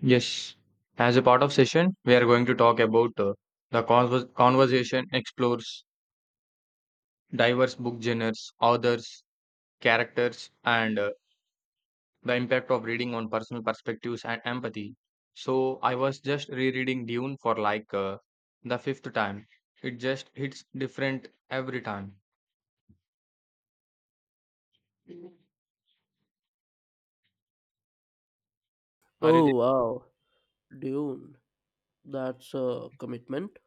Yes. As a part of session, we are going to talk about the conversation explores diverse book genres, authors, characters, and the impact of reading on personal perspectives and empathy. So I was just rereading Dune for like the fifth time. It just hits different every time. Are you Oh there? wow, Dune. That's a commitment.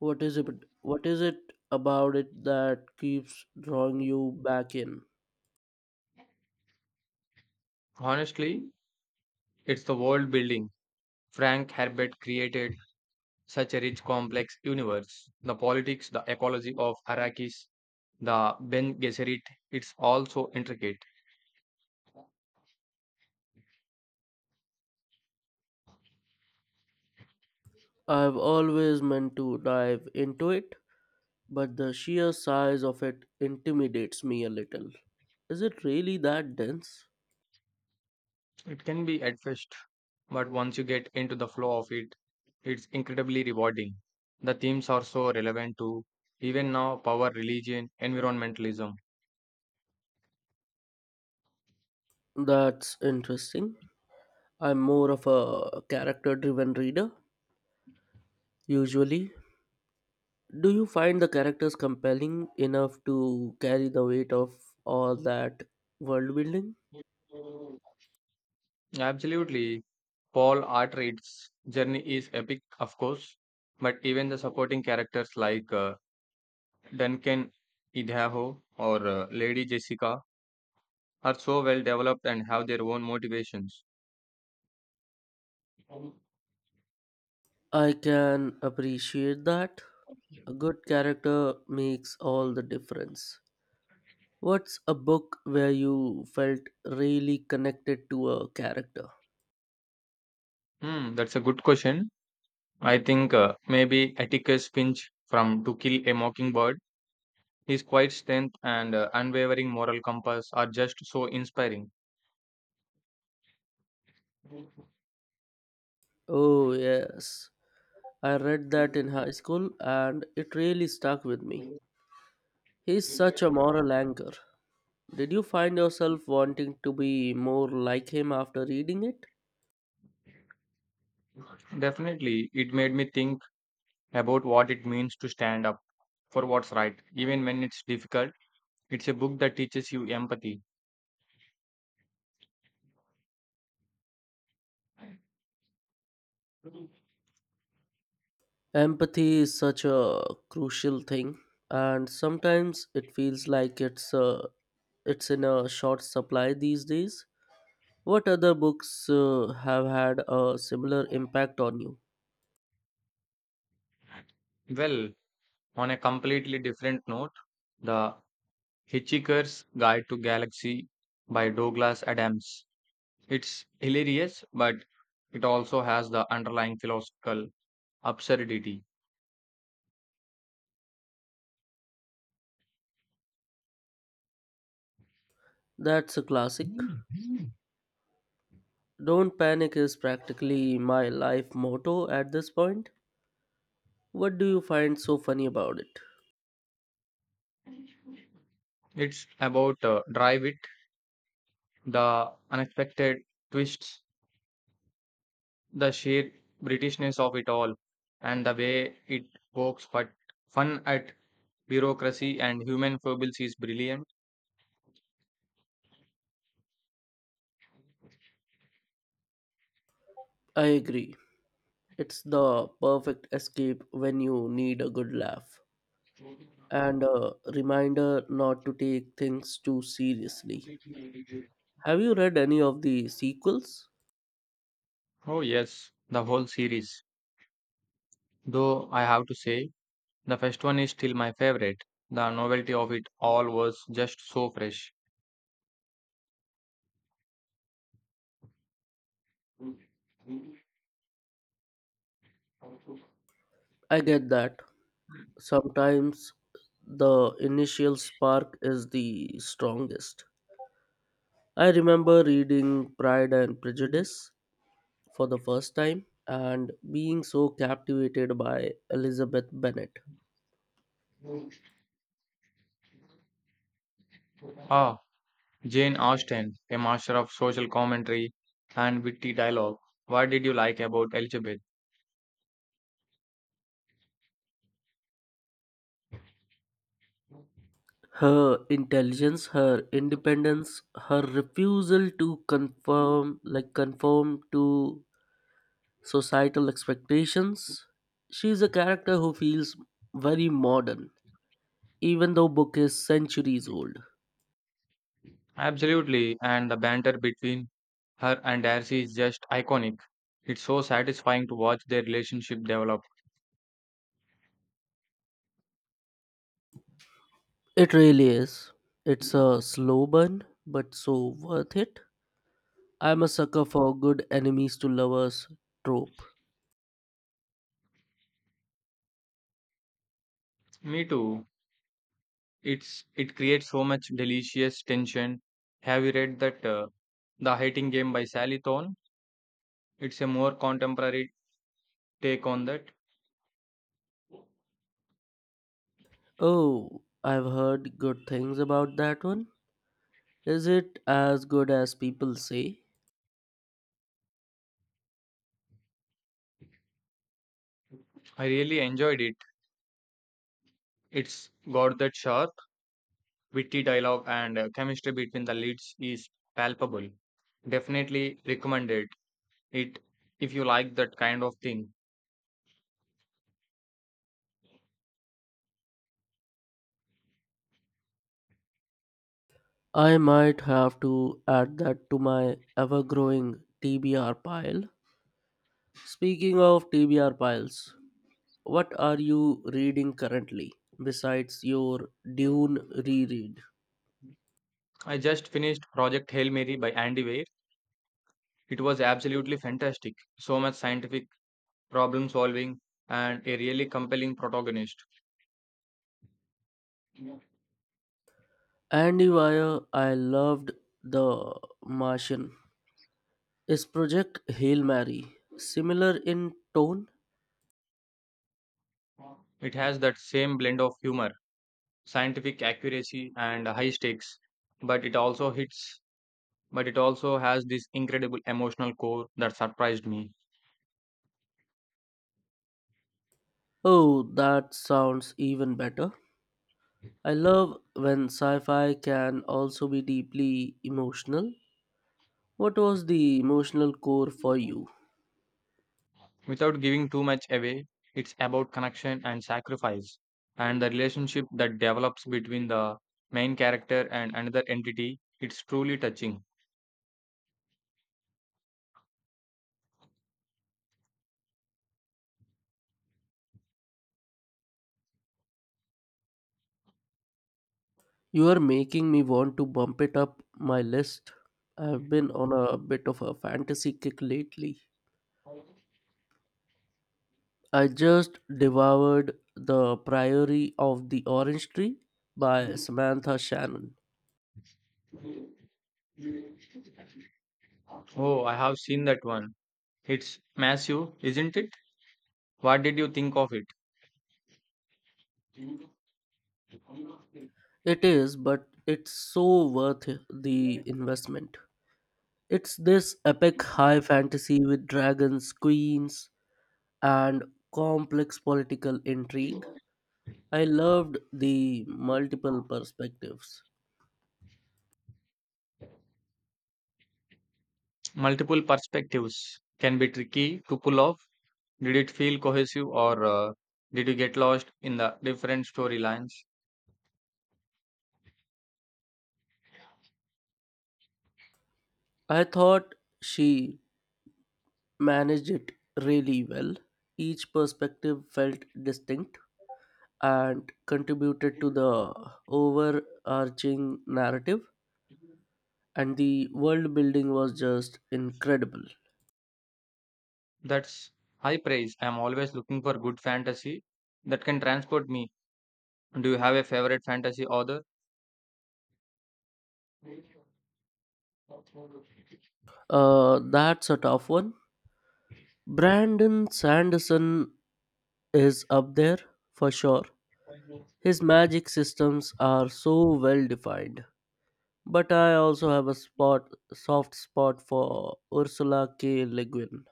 What is it? What is it about it that keeps drawing you back in? Honestly, it's the world building. Frank Herbert created such a rich, complex universe. The politics, the ecology of Arrakis, the Ben Gesserit, it's also intricate. I've always meant to dive into it, but the sheer size of it intimidates me a little. Is it really that dense? It can be at first, but once you get into the flow of it, it's incredibly rewarding. The themes are so relevant to even now, power, religion, environmentalism. That's interesting. I'm more of a character driven reader, usually. Do you find the characters compelling enough to carry the weight of all that world building? Absolutely. Paul Artreid's journey is epic, of course, but even the supporting characters like Duncan Idaho or Lady Jessica are so well developed and have their own motivations. I can appreciate that. A good character makes all the difference. What's a book where you felt really connected to a character? That's a good question. I think maybe Atticus Finch from To Kill a Mockingbird. His quiet strength and unwavering moral compass are just so inspiring. Oh, yes. I read that in high school and it really stuck with me. He's such a moral anchor. Did you find yourself wanting to be more like him after reading it? Definitely, it made me think about what it means to stand up for what's right, even when it's difficult. It's a book that teaches you empathy. Empathy is such a crucial thing, and sometimes it feels like it's in a short supply these days. What other books have had a similar impact on you? Well, on a completely different note, The Hitchhiker's Guide to Galaxy by Douglas Adams. It's hilarious, but it also has the underlying philosophical absurdity. That's a classic. "Don't panic" is practically my life motto at this point. What do you find so funny about it? It's about drive it, the unexpected twists, the sheer Britishness of it all, and the way it pokes but fun at bureaucracy and human foibles is brilliant. I agree. It's the perfect escape when you need a good laugh and a reminder not to take things too seriously. Have you read any of the sequels? Oh yes, the whole series. Though I have to say, the first one is still my favorite. The novelty of it all was just so fresh. I get that. Sometimes the initial spark is the strongest. I remember reading Pride and Prejudice for the first time and being so captivated by Elizabeth Bennet. Ah, Jane Austen, a master of social commentary and witty dialogue. What did you like about Elizabeth? Her intelligence, her independence, her refusal to conform to societal expectations. She is a character who feels very modern, even though book is centuries old. Absolutely, and the banter between her and Darcy is just iconic. It's so satisfying to watch their relationship develop. It really is. It's a slow burn, but so worth it. I'm a sucker for good enemies to lovers trope. Me too. It creates so much delicious tension. Have you read that The Hating Game by Sally Thorne? It's a more contemporary take on that. Oh, I've heard good things about that one. Is it as good as people say? I really enjoyed it. It's got that sharp witty dialogue and chemistry between the leads is palpable. Definitely recommended it if you like that kind of thing. I might have to add that to my ever growing TBR pile. Speaking of TBR piles, what are you reading currently besides your Dune reread? I just finished Project Hail Mary by Andy Weir. It was absolutely fantastic. So much scientific problem solving and a really compelling protagonist. Andy Weir, I loved The Martian. His Project Hail Mary, similar in tone? It has that same blend of humor, scientific accuracy and high stakes, but it also hits but it also has this incredible emotional core that surprised me. Oh, that sounds even better. I love when sci fi can also be deeply emotional. What was the emotional core for you? Without giving too much away, it's about connection and sacrifice, and the relationship that develops between the main character and another entity. It's truly touching. You are making me want to bump it up my list. I've been on a bit of a fantasy kick lately. I just devoured The Priory of the Orange Tree by Samantha Shannon. Oh, I have seen that one. It's massive, isn't it? What did you think of it? It is, but it's so worth the investment. It's this epic high fantasy with dragons, queens, and complex political intrigue. I loved the multiple perspectives. Multiple perspectives can be tricky to pull off. Did it feel cohesive or did you get lost in the different storylines? I thought she managed it really well. Each perspective felt distinct and contributed to the overarching narrative, and the world building was just incredible. That's high praise. I'm always looking for good fantasy that can transport me. Do you have a favorite fantasy author? That's a tough one. Brandon Sanderson is up there for sure. His magic systems are so well defined, but I also have a spot soft spot for Ursula K. Le Guin.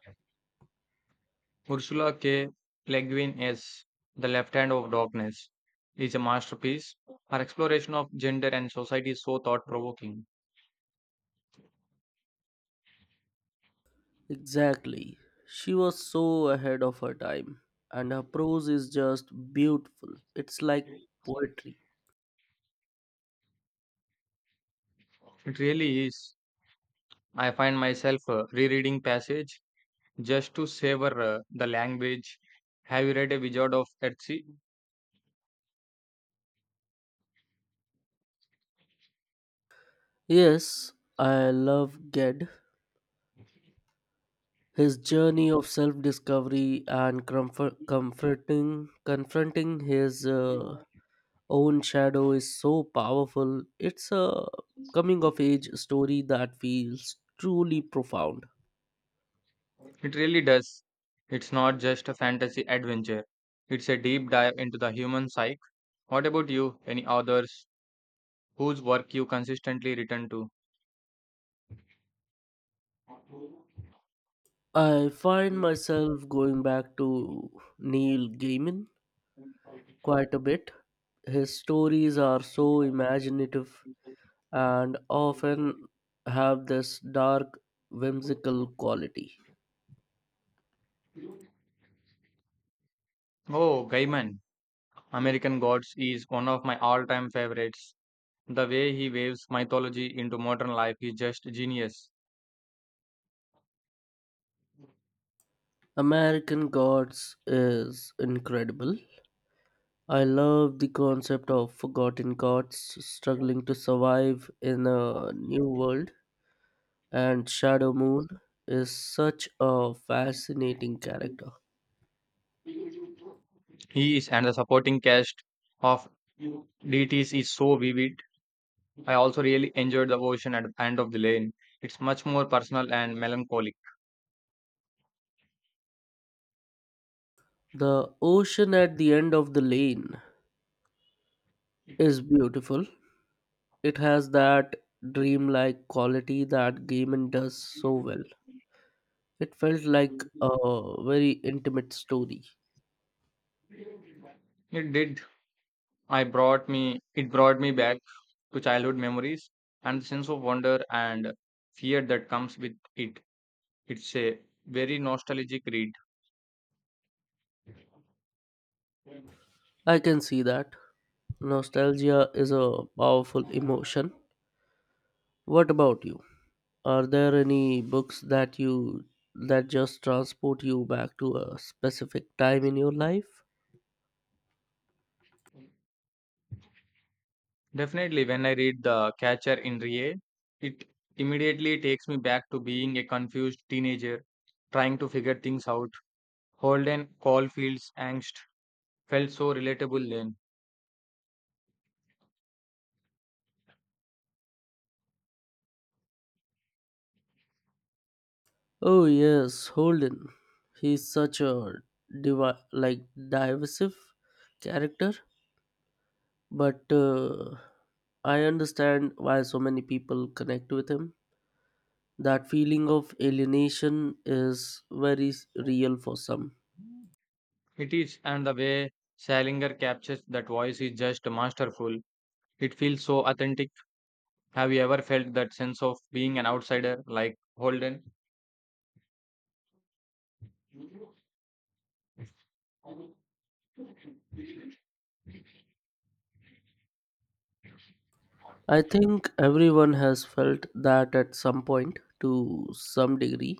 Ursula K. Le Guin is, The Left Hand of Darkness is a masterpiece. Her exploration of gender and society is so thought provoking. Exactly. She was so ahead of her time, and her prose is just beautiful. It's like poetry. It really is. I find myself rereading passage just to savor the language. Have you read A Wizard of Earthsea? Yes, I love Ged. His journey of self discovery and confronting his own shadow is so powerful. It's a coming of age story that feels truly profound. It really does. It's not just a fantasy adventure. It's a deep dive into the human psyche. What about you? Any authors whose work you consistently return to? I find myself going back to Neil Gaiman quite a bit. His stories are so imaginative and often have this dark, whimsical quality. Oh, Gaiman, American Gods is one of my all time favorites. The way he waves mythology into modern life is just genius. American Gods is incredible. I love the concept of forgotten gods struggling to survive in a new world, and Shadow Moon is such a fascinating character. He is, and the supporting cast of deities is so vivid. I also really enjoyed the ocean at the end of the lane. It's much more personal and melancholic. The ocean at the end of the lane is beautiful. It has that dreamlike quality that Gaiman does so well. It felt like a very intimate story. It did. I brought me it brought me back to childhood memories and the sense of wonder and fear that comes with it. It's a very nostalgic read. I can see that. Nostalgia is a powerful emotion. What about you? Are there any books that just transport you back to a specific time in your life? Definitely, when I read The Catcher in Rye, it immediately takes me back to being a confused teenager trying to figure things out. Holden Caulfield's angst felt so relatable then. Oh yes, Holden. He's such a divi- like divisive character. But I understand why so many people connect with him. That feeling of alienation is very real for some. It is, and the way Salinger captures that voice is just masterful. It feels so authentic. Have you ever felt that sense of being an outsider like Holden? I think everyone has felt that at some point to some degree.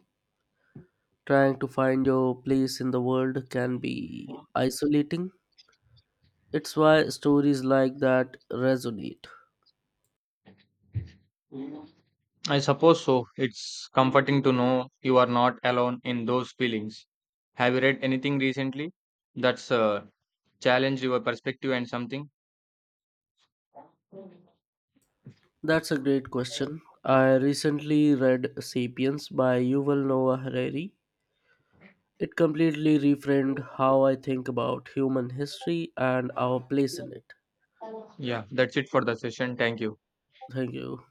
Trying to find your place in the world can be isolating. It's why stories like that resonate. I suppose so. It's comforting to know you are not alone in those feelings. Have you read anything recently that's challenged your perspective and something? That's a great question. I recently read Sapiens by Yuval Noah Harari. It completely reframed how I think about human history and our place in it. Yeah, that's it for the session. Thank you. Thank you.